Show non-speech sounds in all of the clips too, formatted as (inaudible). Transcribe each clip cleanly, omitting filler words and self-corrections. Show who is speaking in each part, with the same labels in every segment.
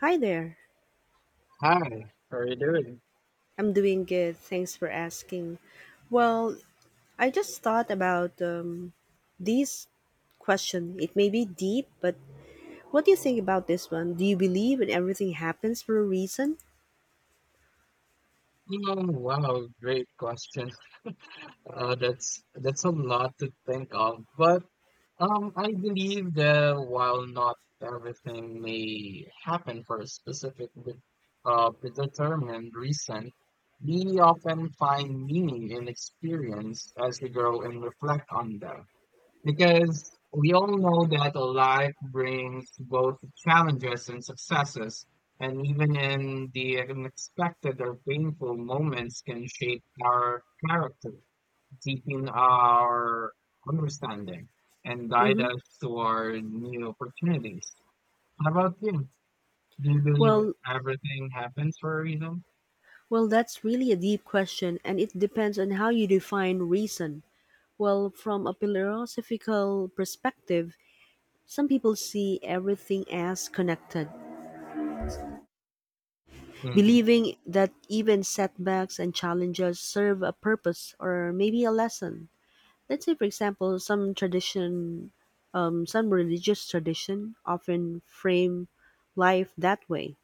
Speaker 1: Hi there.
Speaker 2: Hi, good.
Speaker 1: I'm doing good. Thanks for asking. Well, I just thought about this question. It may be deep, but what do you think about this one? Do you believe in everything happens for a reason?
Speaker 2: Oh, wow, great question. That's a lot to think of, but I believe that while not everything may happen for a specific, predetermined reason, we often find meaning in experience as we grow and reflect on them. Because we all know that life brings both challenges and successes, and even in the unexpected or painful moments can shape our character, deepen our understanding, and guide
Speaker 1: Hmm.
Speaker 2: us toward new opportunities. How about you? Do you believe
Speaker 1: Well,
Speaker 2: everything happens for a reason?
Speaker 1: well, that's really a deep question, and it depends on how you define reason. Well, from a philosophical perspective, some people see everything as connected,
Speaker 2: Mhm.
Speaker 1: believing that even setbacks and challenges serve a purpose or maybe a lesson. Let's say, for example, some religious tradition often frame life that way.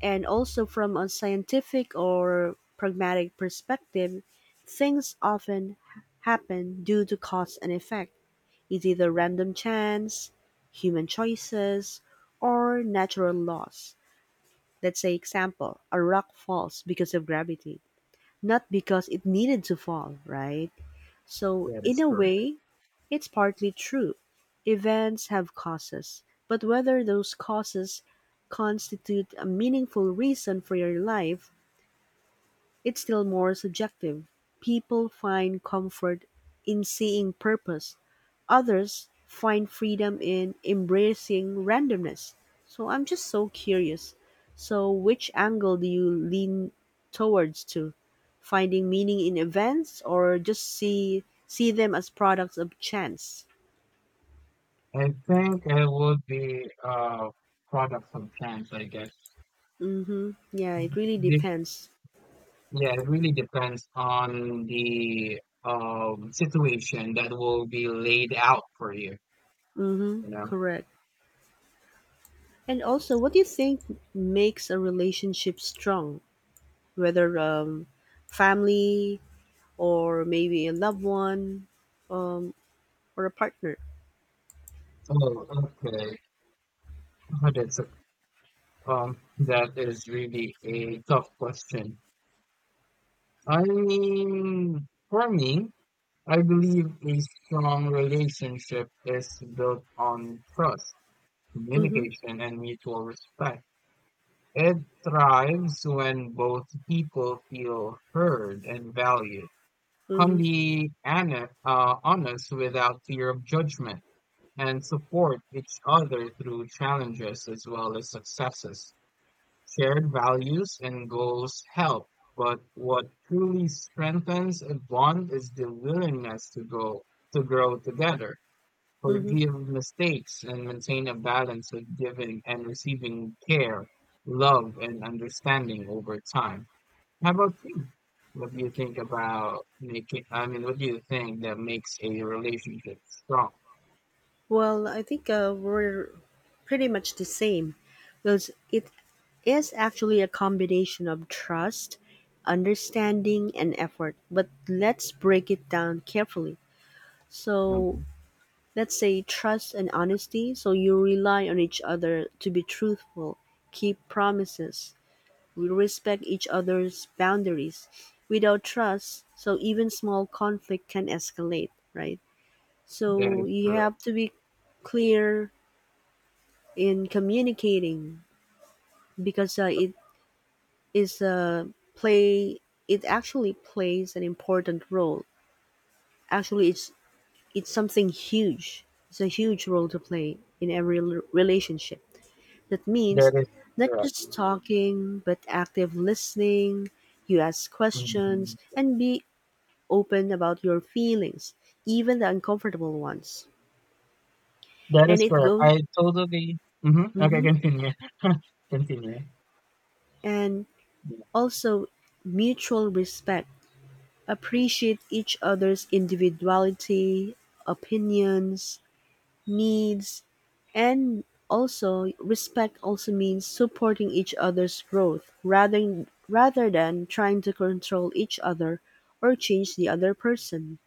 Speaker 1: And also, from a scientific or pragmatic perspective, things often happen due to cause and effect. It's either random chance, human choices, or natural laws. Let's say example, a rock falls because of gravity, not because it needed to fall, right? So
Speaker 2: That
Speaker 1: in
Speaker 2: is
Speaker 1: a
Speaker 2: correct.
Speaker 1: way, it's partly true. Events have causes, but whether those causes constitute a meaningful reason for your life, it's still more subjective. People find comfort in seeing purpose. Others find freedom in embracing randomness. So I'm just so curious. So which angle do you lean towards to? Finding meaning in events or just see them as products of chance?
Speaker 2: I think it would be products of chance, I guess.
Speaker 1: Mm-hmm. Yeah, it really
Speaker 2: Do
Speaker 1: depends.
Speaker 2: Yeah, it really depends on the situation that will be laid out for you,
Speaker 1: Mm-hmm.
Speaker 2: you know?
Speaker 1: Correct. And also,
Speaker 2: Yes.
Speaker 1: what do you think makes a relationship strong? Whether family or maybe a loved one, um, or a partner.
Speaker 2: Oh, okay. Oh, That's a, that is really a tough question. I mean, for me, I believe a strong relationship is built on trust,
Speaker 1: Mm-hmm,
Speaker 2: communication, and mutual respect. It thrives when both people feel heard and valued. Can
Speaker 1: mm-hmm,
Speaker 2: be honest without fear of judgment and support each other through challenges as well as successes. Shared values and goals help, but what truly strengthens a bond is the willingness to grow together,
Speaker 1: mm-hmm.
Speaker 2: forgive mistakes, and maintain a balance of giving and receiving care, love, and understanding over time. How about you? What do you think about what do you think that makes a relationship strong?
Speaker 1: Well, I think we're pretty much the same because it is actually a combination of trust, understanding, and effort. But let's break it down carefully. So,
Speaker 2: Mhm.
Speaker 1: let's say trust and honesty. So, you rely on each other to be truthful, keep promises. We respect each other's boundaries. Without trust, so even small conflict can escalate, right?
Speaker 2: That
Speaker 1: So
Speaker 2: is
Speaker 1: you
Speaker 2: correct.
Speaker 1: have to be clear in communicating because it is a play. It actually plays an important role. Actually, it's something huge. It's a huge role to play in every relationship. That
Speaker 2: That
Speaker 1: means
Speaker 2: is
Speaker 1: not
Speaker 2: correct.
Speaker 1: just talking, but active listening. You ask questions
Speaker 2: Mhm.
Speaker 1: and be open about your feelings, even the uncomfortable ones.
Speaker 2: That
Speaker 1: And
Speaker 2: is
Speaker 1: it
Speaker 2: correct.
Speaker 1: goes,
Speaker 2: I totally. Hmm Okay,
Speaker 1: hmm
Speaker 2: continue. (laughs) Continue.
Speaker 1: and also mutual respect. Appreciate each other's individuality, opinions, needs, and also respect also means supporting each other's growth rather than trying to control each other or change the other person.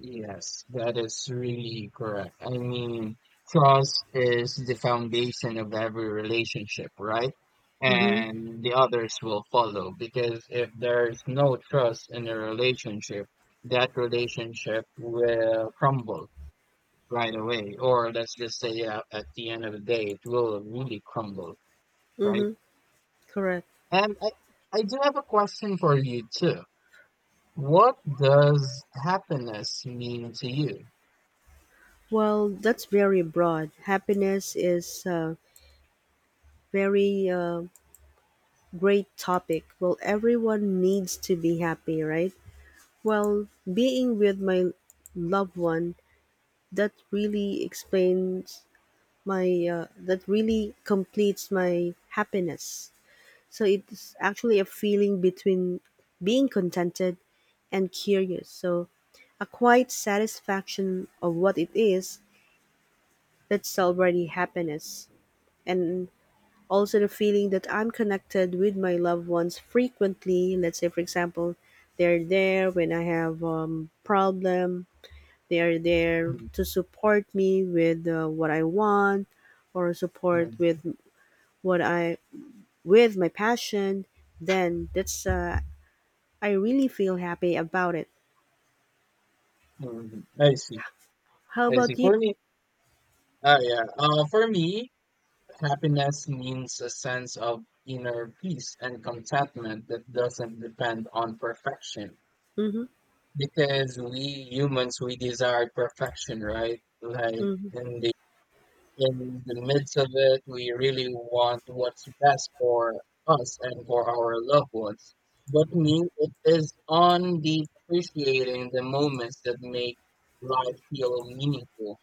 Speaker 2: Yes, that is really correct. I mean, trust is the foundation of every relationship, right?
Speaker 1: Mm-hmm.
Speaker 2: And the others will follow because if there's no trust in a relationship, that relationship will crumble right away. Or let's just say at the end of the day, it will really crumble, right?
Speaker 1: Mm-hmm. Correct.
Speaker 2: And I, I do have a question for you too. What does happiness mean to you?
Speaker 1: Well, that's very broad. Happiness is a very great topic. Well, everyone needs to be happy, right? Well, being with my loved one, that really explains that really completes my happiness. So it's actually a feeling between being contented and curious. So a quiet satisfaction of what it is, that's already happiness. And also, the feeling that I'm connected with my loved ones frequently. Let's say, for example, they're there when I have problem. They are there
Speaker 2: Mm,
Speaker 1: to support me with what I want, or support
Speaker 2: mm.
Speaker 1: with what I with my passion. Then that's I really feel happy about it.
Speaker 2: Mhm. I see.
Speaker 1: How
Speaker 2: I see.
Speaker 1: about you?
Speaker 2: For me, yeah. For me, happiness means a sense of inner peace and contentment that doesn't depend on perfection.
Speaker 1: Mm-hmm.
Speaker 2: Because we humans, we desire perfection, right? Like
Speaker 1: Mm-hmm.
Speaker 2: in the midst of it, we really want what's best for us and for our loved ones. But me, it is on the appreciating the moments that make life feel meaningful.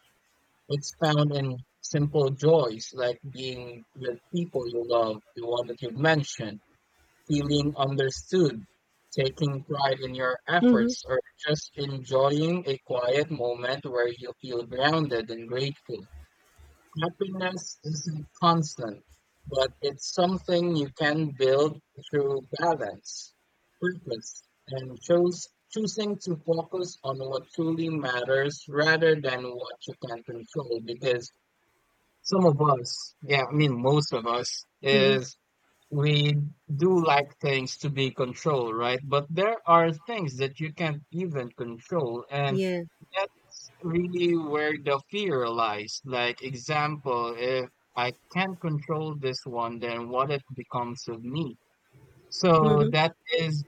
Speaker 2: It's found in simple joys like being with people you love, the one that you've mentioned, feeling understood, taking pride in your
Speaker 1: Mm-hmm.
Speaker 2: efforts, or just enjoying a quiet moment where you feel grounded and grateful. Happiness isn't constant, but it's something you can build through balance, purpose, and choosing to focus on what truly matters rather than what you can control, because some of us, yeah, I mean, most of us,
Speaker 1: Mm-hmm.
Speaker 2: is we do like things to be controlled, right? But there are things that you can't even control, and
Speaker 1: Yeah.
Speaker 2: that's really where the fear lies. Like, example, if I can't control this one, then what it becomes of me? So
Speaker 1: Mm-hmm.
Speaker 2: is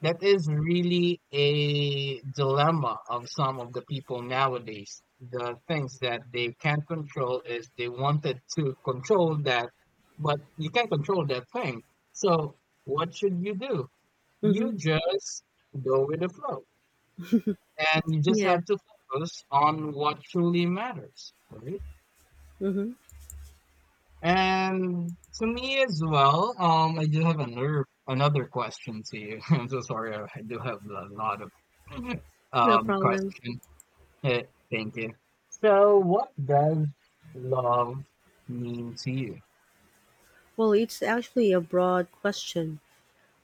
Speaker 2: that is really a dilemma of some of the people nowadays. The things that they can't control is they wanted to control that, but you can't control that thing. So what should you do?
Speaker 1: Mm-hmm.
Speaker 2: You just go with the flow and you just
Speaker 1: Yeah.
Speaker 2: have to focus on what truly matters, right?
Speaker 1: Mm-hmm.
Speaker 2: And to me as well, I do have another question to you. (laughs) I'm so sorry, I do have a lot of (laughs)
Speaker 1: No problem.
Speaker 2: question. Eh, Thank you. So, what does love mean to you?
Speaker 1: Well, it's actually a broad question.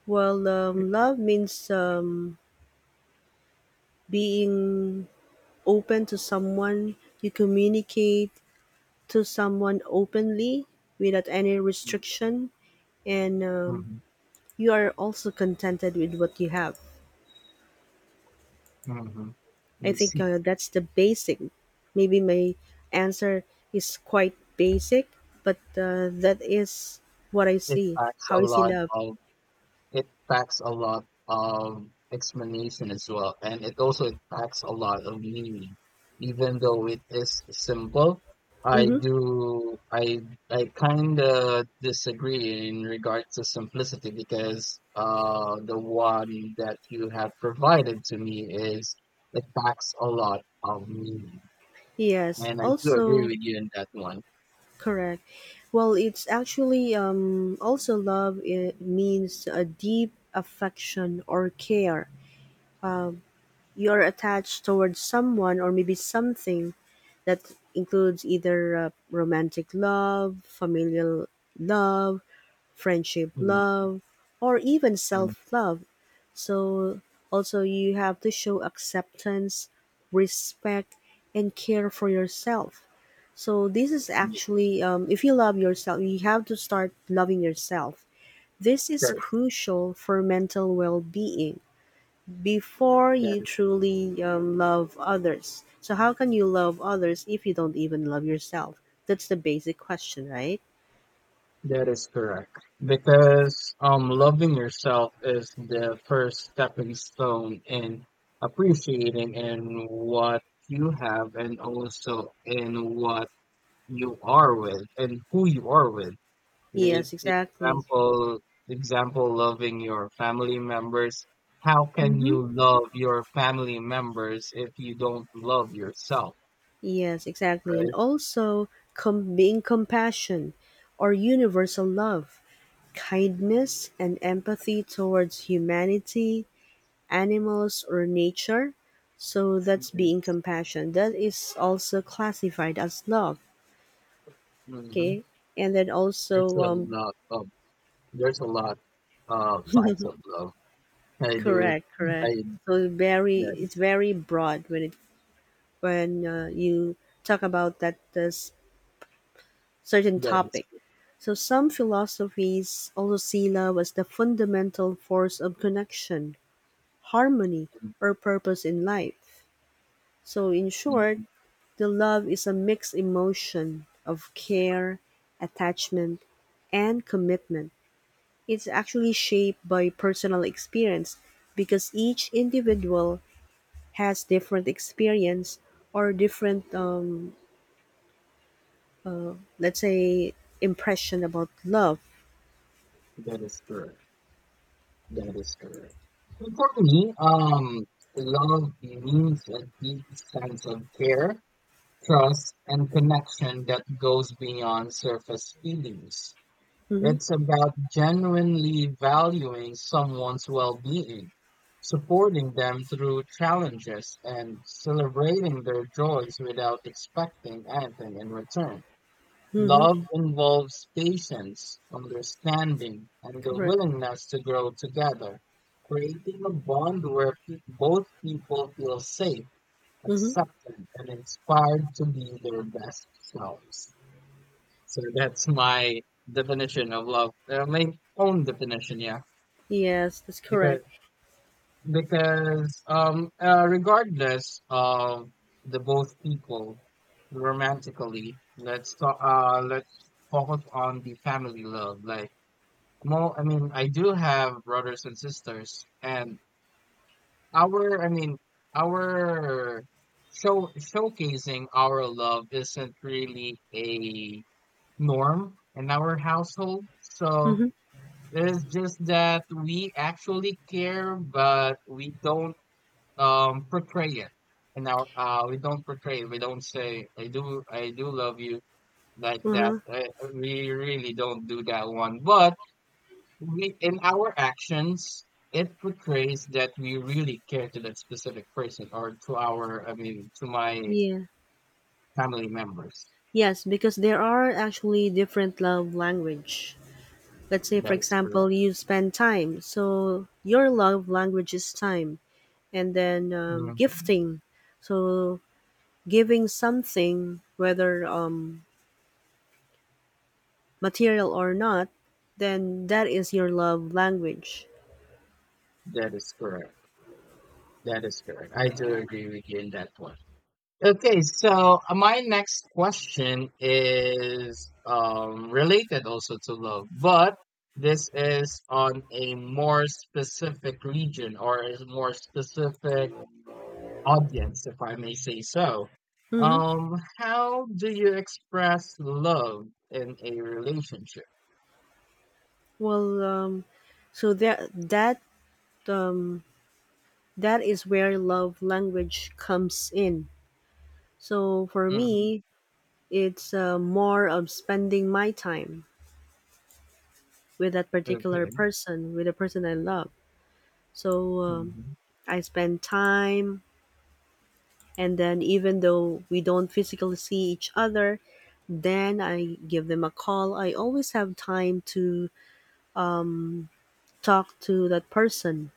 Speaker 1: Well, love means being open to someone. You communicate to someone openly without any restriction, and
Speaker 2: Mm-hmm.
Speaker 1: you are also contented with what you have.
Speaker 2: Hmm.
Speaker 1: I
Speaker 2: I
Speaker 1: think
Speaker 2: see.
Speaker 1: that's the basic. Maybe my answer is quite basic, but that is what I
Speaker 2: It
Speaker 1: see.
Speaker 2: packs
Speaker 1: How
Speaker 2: a
Speaker 1: I see
Speaker 2: lot
Speaker 1: love.
Speaker 2: of it packs a lot of explanation as well, and it packs a lot of meaning. Even though it is simple, I
Speaker 1: Mm-hmm.
Speaker 2: do I kind of disagree in regards to simplicity because the one that you have provided to me is it packs a lot of meaning,
Speaker 1: Yes.
Speaker 2: and I do agree
Speaker 1: Also,
Speaker 2: with you in that one.
Speaker 1: correct. Well, it's actually also love. It means a deep affection or care. You're attached towards someone or maybe something that includes either romantic love, familial love, friendship,
Speaker 2: Mm,
Speaker 1: love, or even
Speaker 2: mm,
Speaker 1: self love. So, also, you have to show acceptance, respect, and care for yourself. So, this is
Speaker 2: yeah,
Speaker 1: actually, if you love yourself, you have to start loving yourself. This is
Speaker 2: first,
Speaker 1: crucial for mental well being before
Speaker 2: that
Speaker 1: you
Speaker 2: is
Speaker 1: truly love others. So, how can you love others if you don't even love yourself? That's the basic question, right?
Speaker 2: that is correct. Because loving yourself is the first stepping stone in appreciating in what you have and also in what you are with and who you are with. E-
Speaker 1: Yes, exactly.
Speaker 2: Example, loving your family members. How can
Speaker 1: Hmm.
Speaker 2: you love your family members if you don't love yourself,
Speaker 1: Yes, exactly. And
Speaker 2: right?
Speaker 1: also being compassion or universal love, kindness and empathy towards humanity, animals, or nature. So that's being
Speaker 2: Yes.
Speaker 1: compassion. That is also classified as love.
Speaker 2: Mm-hmm.
Speaker 1: Okay. And then
Speaker 2: There's a
Speaker 1: also,
Speaker 2: lot of there's a lot of types of love. I do.
Speaker 1: correct, correct.
Speaker 2: I
Speaker 1: So very,
Speaker 2: that
Speaker 1: it's
Speaker 2: is
Speaker 1: very broad when you talk about that this certain
Speaker 2: that is
Speaker 1: topic. So some philosophies also see love as the fundamental force of connection, harmony, or purpose in life. So in short, the love is a mixed emotion of care, attachment, and commitment. It's actually shaped by personal experience because each individual has different experience or different, let's say, impression about love.
Speaker 2: that is correct. That is correct. And for me, love means a deep sense of care, trust, and connection that goes beyond surface feelings.
Speaker 1: Mm-hmm,
Speaker 2: It's about genuinely valuing someone's well-being, supporting them through challenges, and celebrating their joys without expecting anything in return.
Speaker 1: mm-hmm,
Speaker 2: Love involves patience, understanding, and the
Speaker 1: correct.
Speaker 2: willingness to grow together, creating a bond where both people feel safe,
Speaker 1: Mm-hmm.
Speaker 2: accepted, and inspired to be their best selves. So that's my definition of love. My own definition, yeah.
Speaker 1: Yes, that's
Speaker 2: Because
Speaker 1: correct.
Speaker 2: because regardless of the both people romantically, let's focus on the family love. Like more I mean I do have brothers and sisters and our I mean our showcasing our love isn't really a norm in our household. So
Speaker 1: Mhm.
Speaker 2: it's just that we actually care, but we don't portray it. And our we don't portray it. We don't say, I do love you" like that.
Speaker 1: Uh-huh.
Speaker 2: We really don't do that one. But we, in our actions, it portrays that we really care to that specific person or to to my
Speaker 1: Yeah.
Speaker 2: family members.
Speaker 1: Yes, because there are actually different love language. Let's say for
Speaker 2: That is
Speaker 1: example,
Speaker 2: correct.
Speaker 1: you spend time. So your love language is time. And then
Speaker 2: Mhm.
Speaker 1: gifting. So giving something whether material or not, then that is your love language.
Speaker 2: That is correct. That is correct. I do agree with you in that one. Okay, so my next question is related also to love, but this is on a more specific region or a more specific audience, if I may say so.
Speaker 1: Mhm.
Speaker 2: How do you express love in a relationship?
Speaker 1: Well, so that um that is where love language comes in. So for
Speaker 2: Hmm.
Speaker 1: me, it's more of spending my time with that particular
Speaker 2: Okay.
Speaker 1: person, with the person I love. So
Speaker 2: Hmm.
Speaker 1: I spend time, and then even though we don't physically see each other, then I give them a call. I always have time to talk to that person.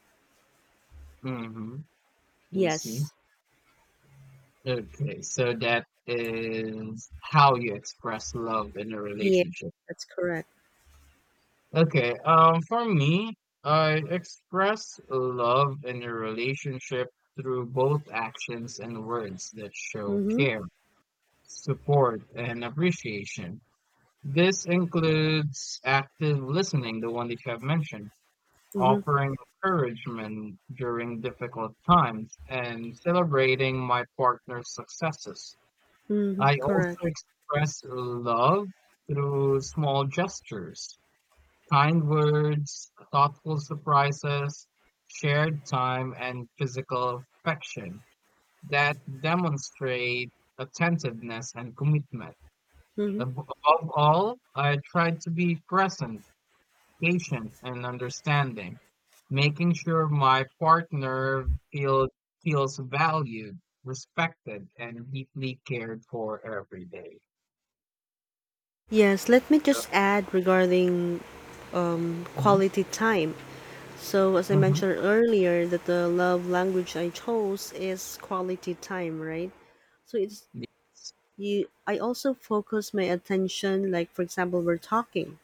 Speaker 2: Hmm. I see.
Speaker 1: Yes.
Speaker 2: Okay, so that is how you express love in a
Speaker 1: Yeah,
Speaker 2: relationship.
Speaker 1: that's correct.
Speaker 2: Okay, for me, I express love in a relationship through both actions and words that show
Speaker 1: Mm-hmm.
Speaker 2: care, support, and appreciation. This includes active listening, the one that you have mentioned,
Speaker 1: Mm-hmm.
Speaker 2: offering encouragement during difficult times, and celebrating my partner's successes.
Speaker 1: Mm-hmm.
Speaker 2: I also
Speaker 1: Correct.
Speaker 2: express love through small gestures, kind words, thoughtful surprises, shared time, and physical affection that demonstrate attentiveness and commitment.
Speaker 1: Mm-hmm.
Speaker 2: Above all, I tried to be present, patient, and understanding, making sure my partner feel, feels valued, respected, and deeply cared for every day.
Speaker 1: Yes, let me just add regarding
Speaker 2: Mhm,
Speaker 1: quality time. So, as I
Speaker 2: mhm.
Speaker 1: mentioned earlier, that the love language I chose is quality time, right? So it's
Speaker 2: Yes,
Speaker 1: you. I also focus my attention, like for example, we're talking.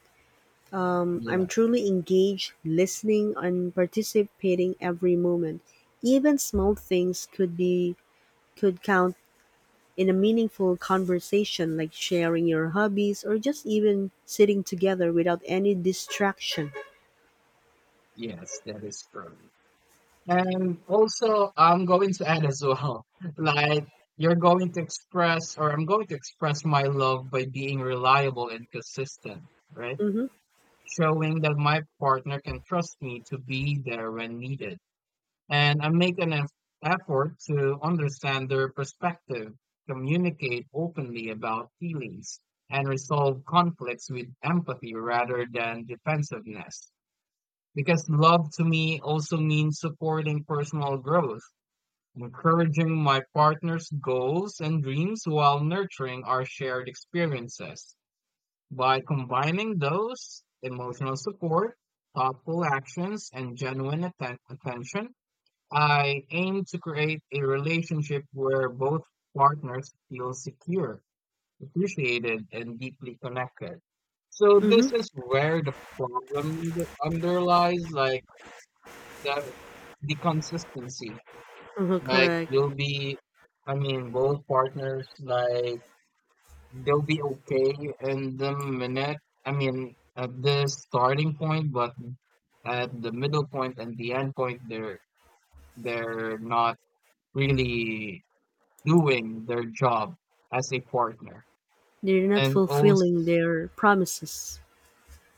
Speaker 2: yeah,
Speaker 1: I'm truly engaged, listening, and participating every moment. Even small things could count in a meaningful conversation, like sharing your hobbies or just even sitting together without any distraction.
Speaker 2: yes, that is true. And also, I'm going to add as well, (laughs) like you're going to express, or I'm going to express my love by being reliable and consistent, right?
Speaker 1: Mm-hmm.
Speaker 2: Showing that my partner can trust me to be there when needed. And I make an effort to understand their perspective, communicate openly about feelings, and resolve conflicts with empathy rather than defensiveness. Because love to me also means supporting personal growth, encouraging my partner's goals and dreams while nurturing our shared experiences. By combining those emotional support, thoughtful actions, and genuine attention, I aim to create a relationship where both partners feel secure, appreciated, and deeply connected. So
Speaker 1: Mm-hmm.
Speaker 2: this is where the problem that underlies, like the, the consistency,
Speaker 1: Uh-huh,
Speaker 2: like
Speaker 1: correct.
Speaker 2: you'll be, I mean, both partners, like they'll be okay in the minute. I mean, at the starting point, but at the middle point and the end point, they're not really doing their job as a partner,
Speaker 1: They're not
Speaker 2: and also,
Speaker 1: fulfilling their promises.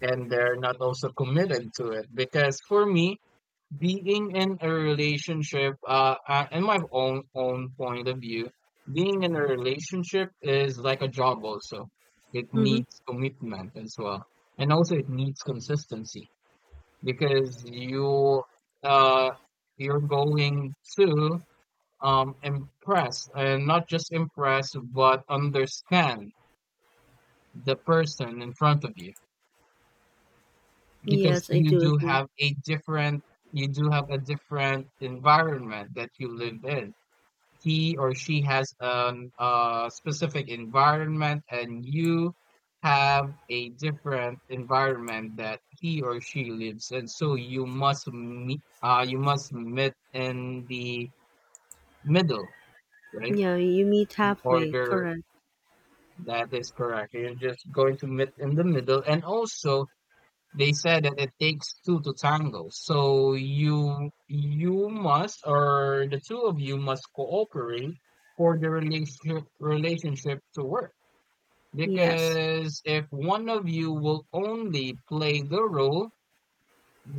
Speaker 2: and they're not also committed to it. Because for me, being in a relationship, in my own point of view, being in a relationship is like a job also. It
Speaker 1: Hmm.
Speaker 2: needs commitment as well, and also it needs consistency because uh you're going to impress and not just impress but understand the person in front of you because
Speaker 1: Yes, I do agree.
Speaker 2: you do have a different environment that you live in. He or she has an a specific environment and you have a different environment that he or she lives in, so you must meet in the middle right
Speaker 1: Yeah, you meet halfway,
Speaker 2: order
Speaker 1: correct?
Speaker 2: that is correct, you're just going to meet in the middle. And also, they said that it takes two to tango. So you must, or the two of you must cooperate for the relationship to work.
Speaker 1: Yes.
Speaker 2: Because if one of you will only play the role,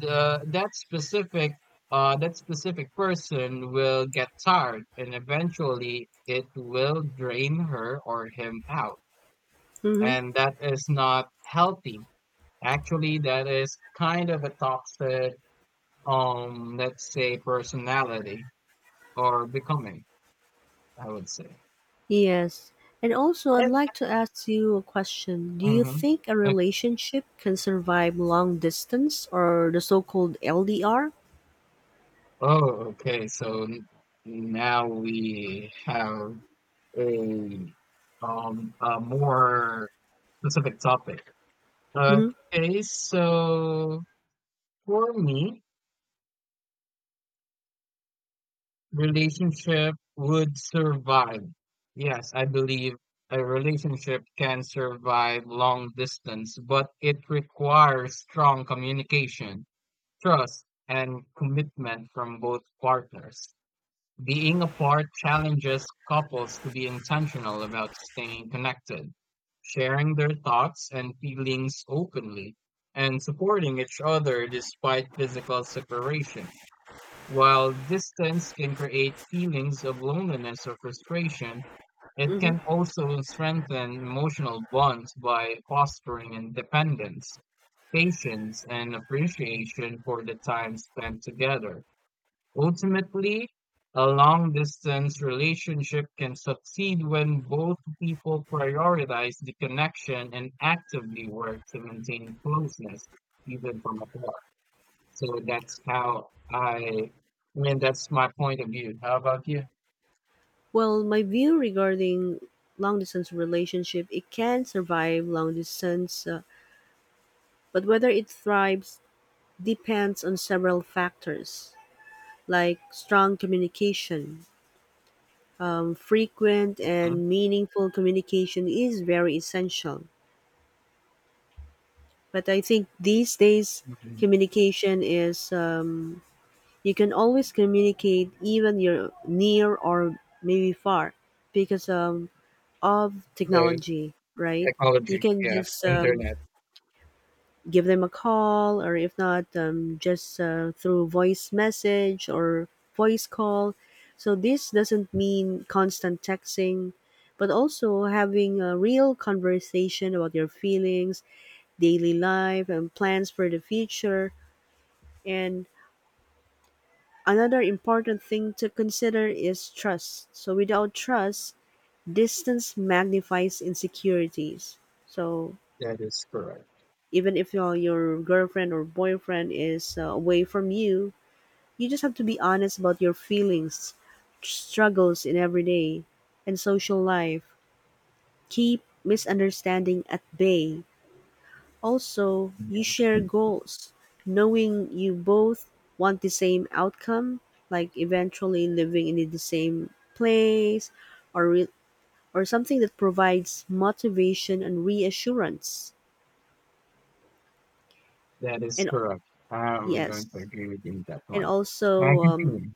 Speaker 2: the that specific person will get tired and eventually it will drain her or him out.
Speaker 1: Hmm.
Speaker 2: And that is not healthy. Actually that is kind of a toxic, let's say personality or becoming, I would say.
Speaker 1: Yes. And also, I'd
Speaker 2: And
Speaker 1: like to ask you a question. Do you
Speaker 2: Mm-hmm.
Speaker 1: think a relationship can survive long distance or the so called LDR?
Speaker 2: Oh, okay, so now we have a a more specific topic.
Speaker 1: hmm
Speaker 2: Okay, so for me relationship would survive yes, I believe a relationship can survive long distance, but it requires strong communication, trust, and commitment from both partners. Being apart challenges couples to be intentional about staying connected, sharing their thoughts and feelings openly, and supporting each other despite physical separation. While distance can create feelings of loneliness or frustration, it
Speaker 1: hmm
Speaker 2: can also strengthen emotional bonds by fostering independence, patience, and appreciation for the time spent together. Ultimately, a long distance relationship can succeed when both people prioritize the connection and actively work to maintain closeness, even from afar. So that's how I mean, that's my point of view. How about you?
Speaker 1: Well, my view regarding long distance relationship, it can survive long distance, but whether it thrives depends on several factors like strong communication. Frequent
Speaker 2: Hmm
Speaker 1: and meaningful communication is very essential. But I think these days,
Speaker 2: hmm
Speaker 1: communication is you can always communicate even you're near or maybe far because of
Speaker 2: The
Speaker 1: technology, right? You
Speaker 2: technology,
Speaker 1: can
Speaker 2: yeah,
Speaker 1: just
Speaker 2: internet,
Speaker 1: give them a call, or if not, just through voice message or voice call. So this doesn't mean constant texting, but also having a real conversation about your feelings, daily life, and plans for the future. And another important thing to consider is trust. So without trust, distance magnifies insecurities. So
Speaker 2: that is correct.
Speaker 1: even if your girlfriend or boyfriend is away from you. You just have to be honest about your feelings, struggles in everyday and social life. Keep misunderstanding at bay. Also, you
Speaker 2: Yeah.
Speaker 1: share goals, knowing you both want the same outcome, like eventually living in the same place or re- or something that provides motivation and reassurance.
Speaker 2: That is
Speaker 1: And
Speaker 2: correct. I'm going to
Speaker 1: yes,
Speaker 2: agree with you on that
Speaker 1: and
Speaker 2: one. I
Speaker 1: also
Speaker 2: continue.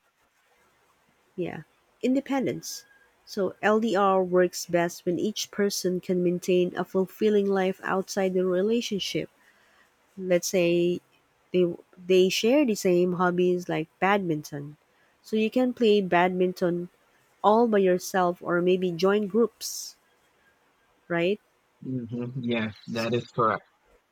Speaker 1: yeah. Independence. So LDR works best when each person can maintain a fulfilling life outside the relationship. Let's say they they share the same hobbies like badminton. So you can play badminton all by yourself or maybe join groups, right?
Speaker 2: Mm-hmm. Yeah, that is correct.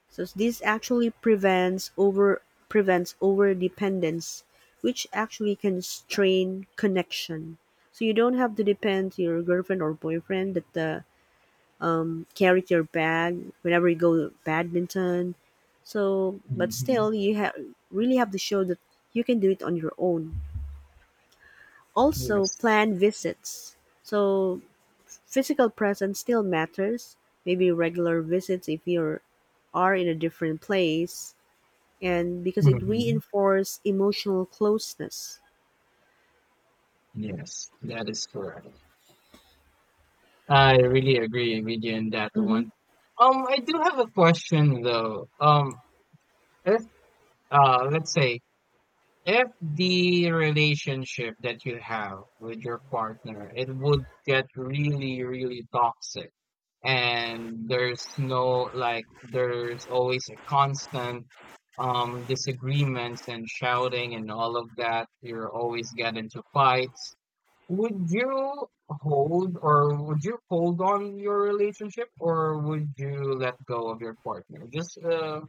Speaker 1: So this actually prevents over dependence, which actually can strain connection. So you don't have to depend to your girlfriend or boyfriend that the carry your bag whenever you go to badminton. So, but
Speaker 2: Hmm
Speaker 1: still, you have really have to show that you can do it on your own. Also,
Speaker 2: Yes.
Speaker 1: plan visits. So, physical presence still matters. Maybe regular visits if you're are in a different place, and because it
Speaker 2: hmm
Speaker 1: reinforces emotional closeness.
Speaker 2: Yes, that is correct. I really agree with you on that
Speaker 1: Hmm.
Speaker 2: one. I do have a question though. If Let's say, if the relationship that you have with your partner, it would get really, really toxic. And there's no, like, there's always a constant disagreements and shouting and all of that. You're always get into fights. Would you hold or would you hold on your relationship or would you let go of your partner? Just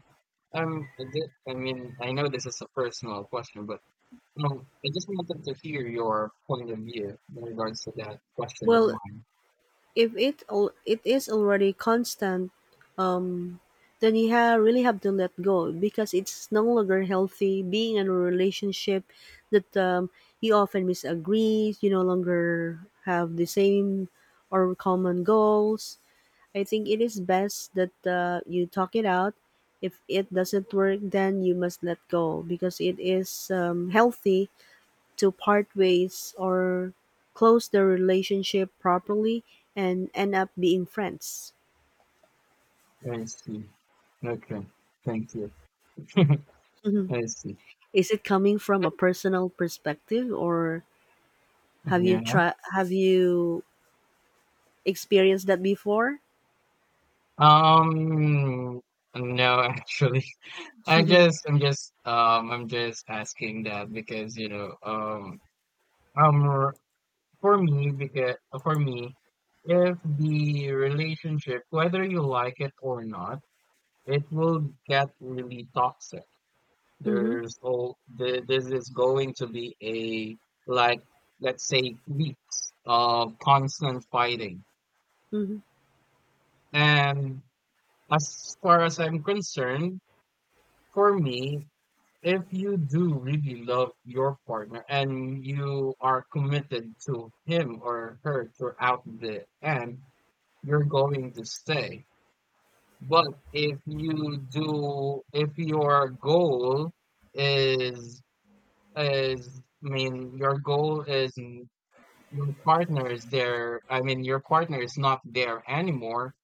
Speaker 2: um, I I mean, I know this is a personal question, but I just wanted to hear your point of view in regards to that question of
Speaker 1: Well,
Speaker 2: mine.
Speaker 1: if it is already constant, um, then you really have to let go because it's no longer healthy being in a relationship that you often disagree. You no longer have the same or common goals. I think it is best that you talk it out. If it doesn't work, then you must let go because it is healthy to part ways or close the relationship properly and end up being friends.
Speaker 2: I see. Okay. Thank you. (laughs)
Speaker 1: Mhm.
Speaker 2: I see.
Speaker 1: Is it coming from a personal perspective or
Speaker 2: Yeah.
Speaker 1: have you experienced that before?
Speaker 2: Um, no, actually, (laughs) I
Speaker 1: Mhm.
Speaker 2: just, I'm just, um, I'm just asking that because, you know, um, r- for me, because for me, if the relationship, whether you like it or not, it will get really toxic.
Speaker 1: Mhm.
Speaker 2: This is going to be a, like, let's say, weeks of constant fighting.
Speaker 1: Mhm.
Speaker 2: And as far as I'm concerned, for me, if you do really love your partner and you are committed to him or her throughout the end, you're going to stay. But if you do, If your goal is is, I mean, your goal is n- your partner is there I mean your partner is not there anymore,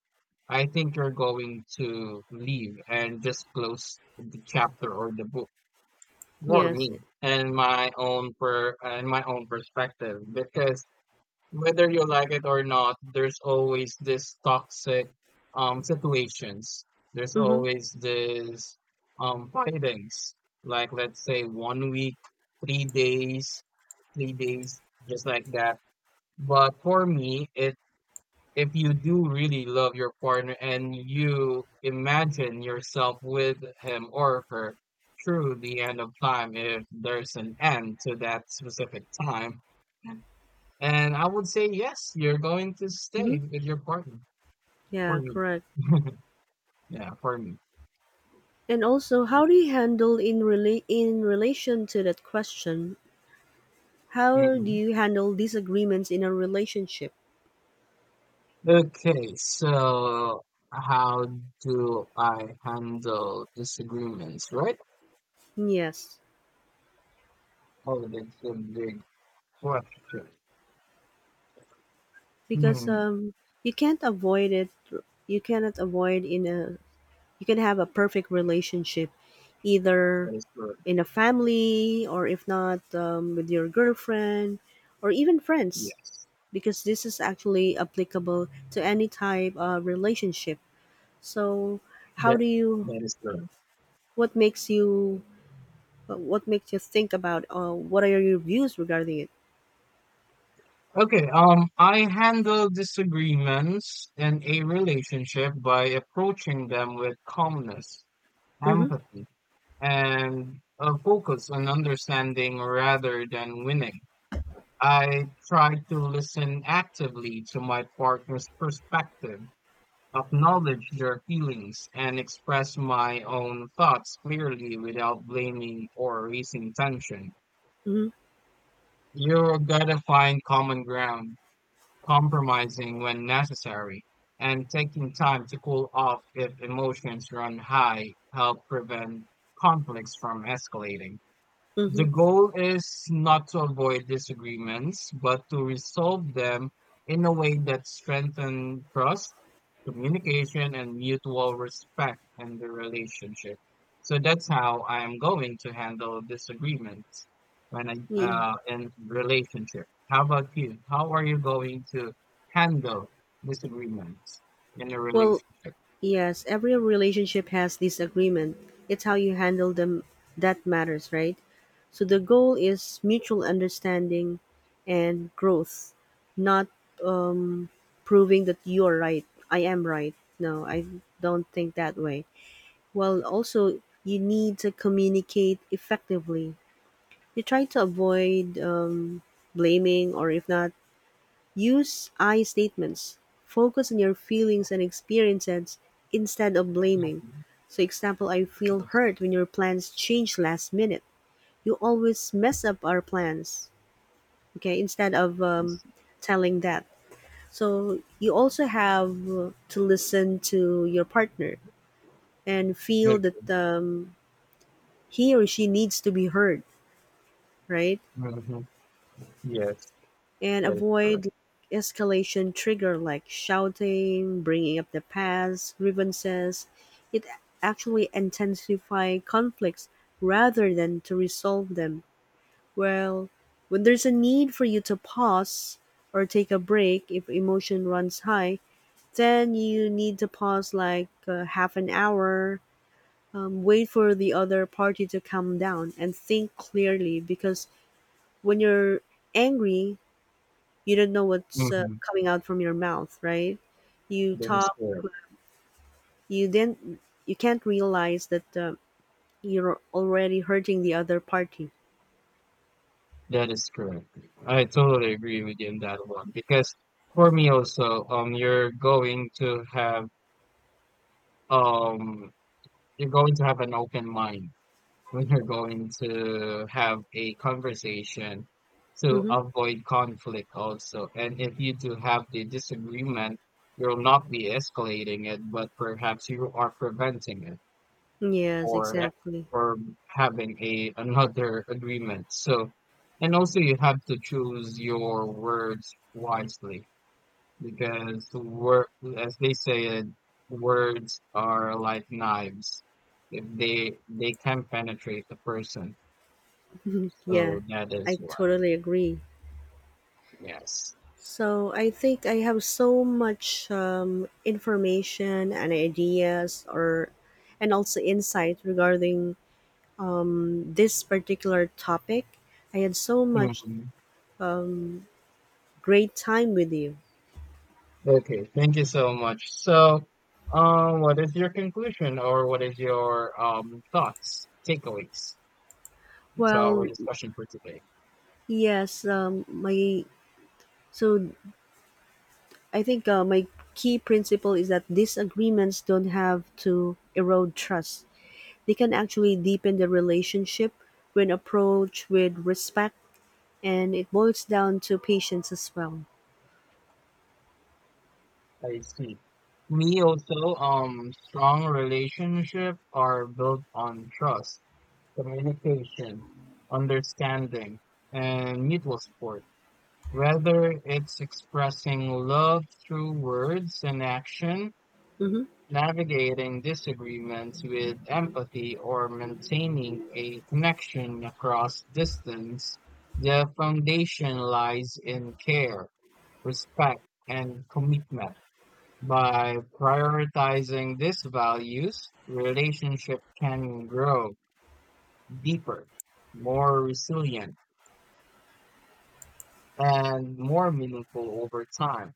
Speaker 2: I think you're going to leave and just close the chapter or the book, for
Speaker 1: Yes.
Speaker 2: me and my own perspective, because whether you like it or not, there's always this toxic situations. There's
Speaker 1: Mhm.
Speaker 2: always this fightings. Like, let's say, 1 week, 3 days, 3 days, just like that. But for me, it if you do really love your partner and you imagine yourself with him or her through the end of time, if there's an end to that specific time, and I would say yes, you're going to
Speaker 1: Mhm.
Speaker 2: stay with your partner for
Speaker 1: Yeah,
Speaker 2: me.
Speaker 1: correct.
Speaker 2: (laughs) Yeah, for me.
Speaker 1: And also,
Speaker 2: Yeah.
Speaker 1: how do you handle in relation to that question? How do
Speaker 2: hmm
Speaker 1: you handle disagreements in a relationship?
Speaker 2: Okay, so how do I handle disagreements, right?
Speaker 1: Yes.
Speaker 2: Oh, that's a big question.
Speaker 1: Because
Speaker 2: Hmm,
Speaker 1: you can't avoid it. You cannot avoid in a. You can have a perfect relationship, either
Speaker 2: that is correct.
Speaker 1: in a family or if not with your girlfriend or even friends,
Speaker 2: Yes,
Speaker 1: because this is actually applicable to any type of relationship. So, how
Speaker 2: that
Speaker 1: do you?
Speaker 2: that is correct.
Speaker 1: What makes you? What makes you think about? What are your views regarding it?
Speaker 2: Okay, I handle disagreements in a relationship by approaching them with calmness,
Speaker 1: Mm-hmm.
Speaker 2: empathy, and a focus on understanding rather than winning. I try to listen actively to my partner's perspective, acknowledge their feelings, and express my own thoughts clearly without blaming or raising tension.
Speaker 1: Mm-hmm.
Speaker 2: You gotta find common ground, compromising when necessary, and taking time to cool off if emotions run high help prevent conflicts from escalating. The
Speaker 1: Mm-hmm.
Speaker 2: goal is not to avoid disagreements, but to resolve them in a way that strengthens trust, communication, and mutual respect in the relationship. So that's how I am going to handle disagreements when I
Speaker 1: Yeah.
Speaker 2: in relationship. How about you? How are you going to handle disagreements in a
Speaker 1: Well,
Speaker 2: relationship?
Speaker 1: yes, every relationship has this agreement. It's how you handle them that matters, right? So the goal is mutual understanding and growth, not um, proving that you're right. I am right. No, I don't think that way. Well, also, you need to communicate effectively. You try to avoid blaming, or if not, use "I" statements, focus on your feelings and experiences instead of blaming.
Speaker 2: Mhm.
Speaker 1: So example, I feel
Speaker 2: Yes.
Speaker 1: hurt when your plans change last minute. You always mess up our plans. Okay, instead of
Speaker 2: Yes.
Speaker 1: telling that. So you also have to listen to your partner and feel
Speaker 2: Okay.
Speaker 1: that he or she needs to be heard, right?
Speaker 2: Mhm. Yes,
Speaker 1: And
Speaker 2: that is
Speaker 1: avoid like, escalation trigger like shouting, bringing up the past, grievances. It actually intensify conflicts rather than to resolve them. Well, when there's a need for you to pause or take a break if emotion runs high, then you need to pause like half an hour, wait for the other party to calm down and think clearly because when you're angry, you don't know what's
Speaker 2: correct.
Speaker 1: coming out from your mouth, right? You
Speaker 2: That is
Speaker 1: talk,
Speaker 2: correct.
Speaker 1: you then you can't realize that you're already hurting the other party.
Speaker 2: That is correct. I totally agree with you on that one because for me also, you're going to have um, you're going to have an open mind when you're going to have a conversation to
Speaker 1: Mm-hmm.
Speaker 2: avoid conflict also. And if you do have the disagreement, you'll not be escalating it, but perhaps you are preventing it,
Speaker 1: Yes,
Speaker 2: for
Speaker 1: exactly.
Speaker 2: for having a another agreement. So, and also you have to choose your words wisely because word, as they say it, words are like knives. If they can penetrate the person. So
Speaker 1: Yeah,
Speaker 2: that is
Speaker 1: I
Speaker 2: why.
Speaker 1: totally agree.
Speaker 2: Yes.
Speaker 1: So I think I have so much information and ideas, or and also insight regarding this particular topic. I had so much
Speaker 2: Mhm.
Speaker 1: great time with you.
Speaker 2: Okay. Thank you so much. So, what is your conclusion or what is your thoughts, takeaways to our
Speaker 1: Well,
Speaker 2: discussion for today?
Speaker 1: yes, my So I think my key principle is that these agreements don't have to erode trust. They can actually deepen the relationship when approached with respect, and it boils down to patience as well.
Speaker 2: I see. Me also, strong relationship are built on trust, communication, understanding, and mutual support. Whether it's expressing love through words and action,
Speaker 1: Mm-hmm.
Speaker 2: navigating disagreements with empathy, or maintaining a connection across distance, the foundation lies in care, respect, and commitment. By prioritizing these values, relationship can grow deeper, more resilient, and more meaningful over time,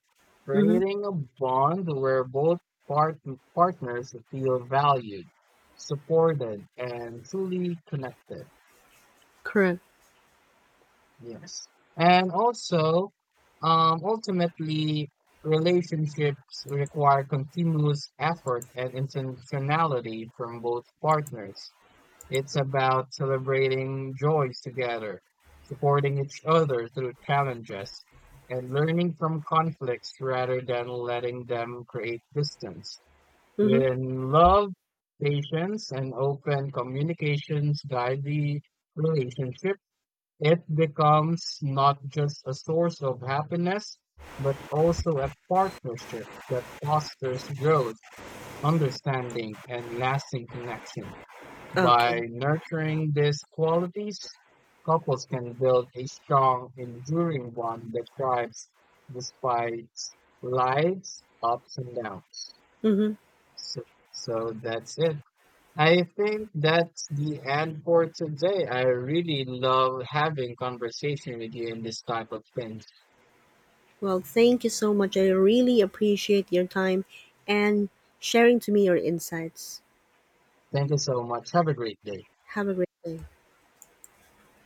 Speaker 1: Mm-hmm.
Speaker 2: creating a bond where both part- partners feel valued, supported, and truly connected.
Speaker 1: Correct.
Speaker 2: Yes. And also, ultimately, relationships require continuous effort and intentionality from both partners. It's about celebrating joys together, supporting each other through challenges, and learning from conflicts rather than letting them create distance.
Speaker 1: Mm-hmm.
Speaker 2: When love, patience, and open communications guide the relationship, it becomes not just a source of happiness, but also a partnership that fosters growth, understanding, and lasting connection.
Speaker 1: Okay.
Speaker 2: By nurturing these qualities, couples can build a strong, enduring one that thrives despite life's ups and downs.
Speaker 1: Mm-hmm.
Speaker 2: So, so that's it. I think that's the end for today. I really love having conversation with you in this type of things.
Speaker 1: Well, thank you so much. I really appreciate your time and sharing to me your insights.
Speaker 2: Thank you so much. Have a great day.
Speaker 1: Have a great day.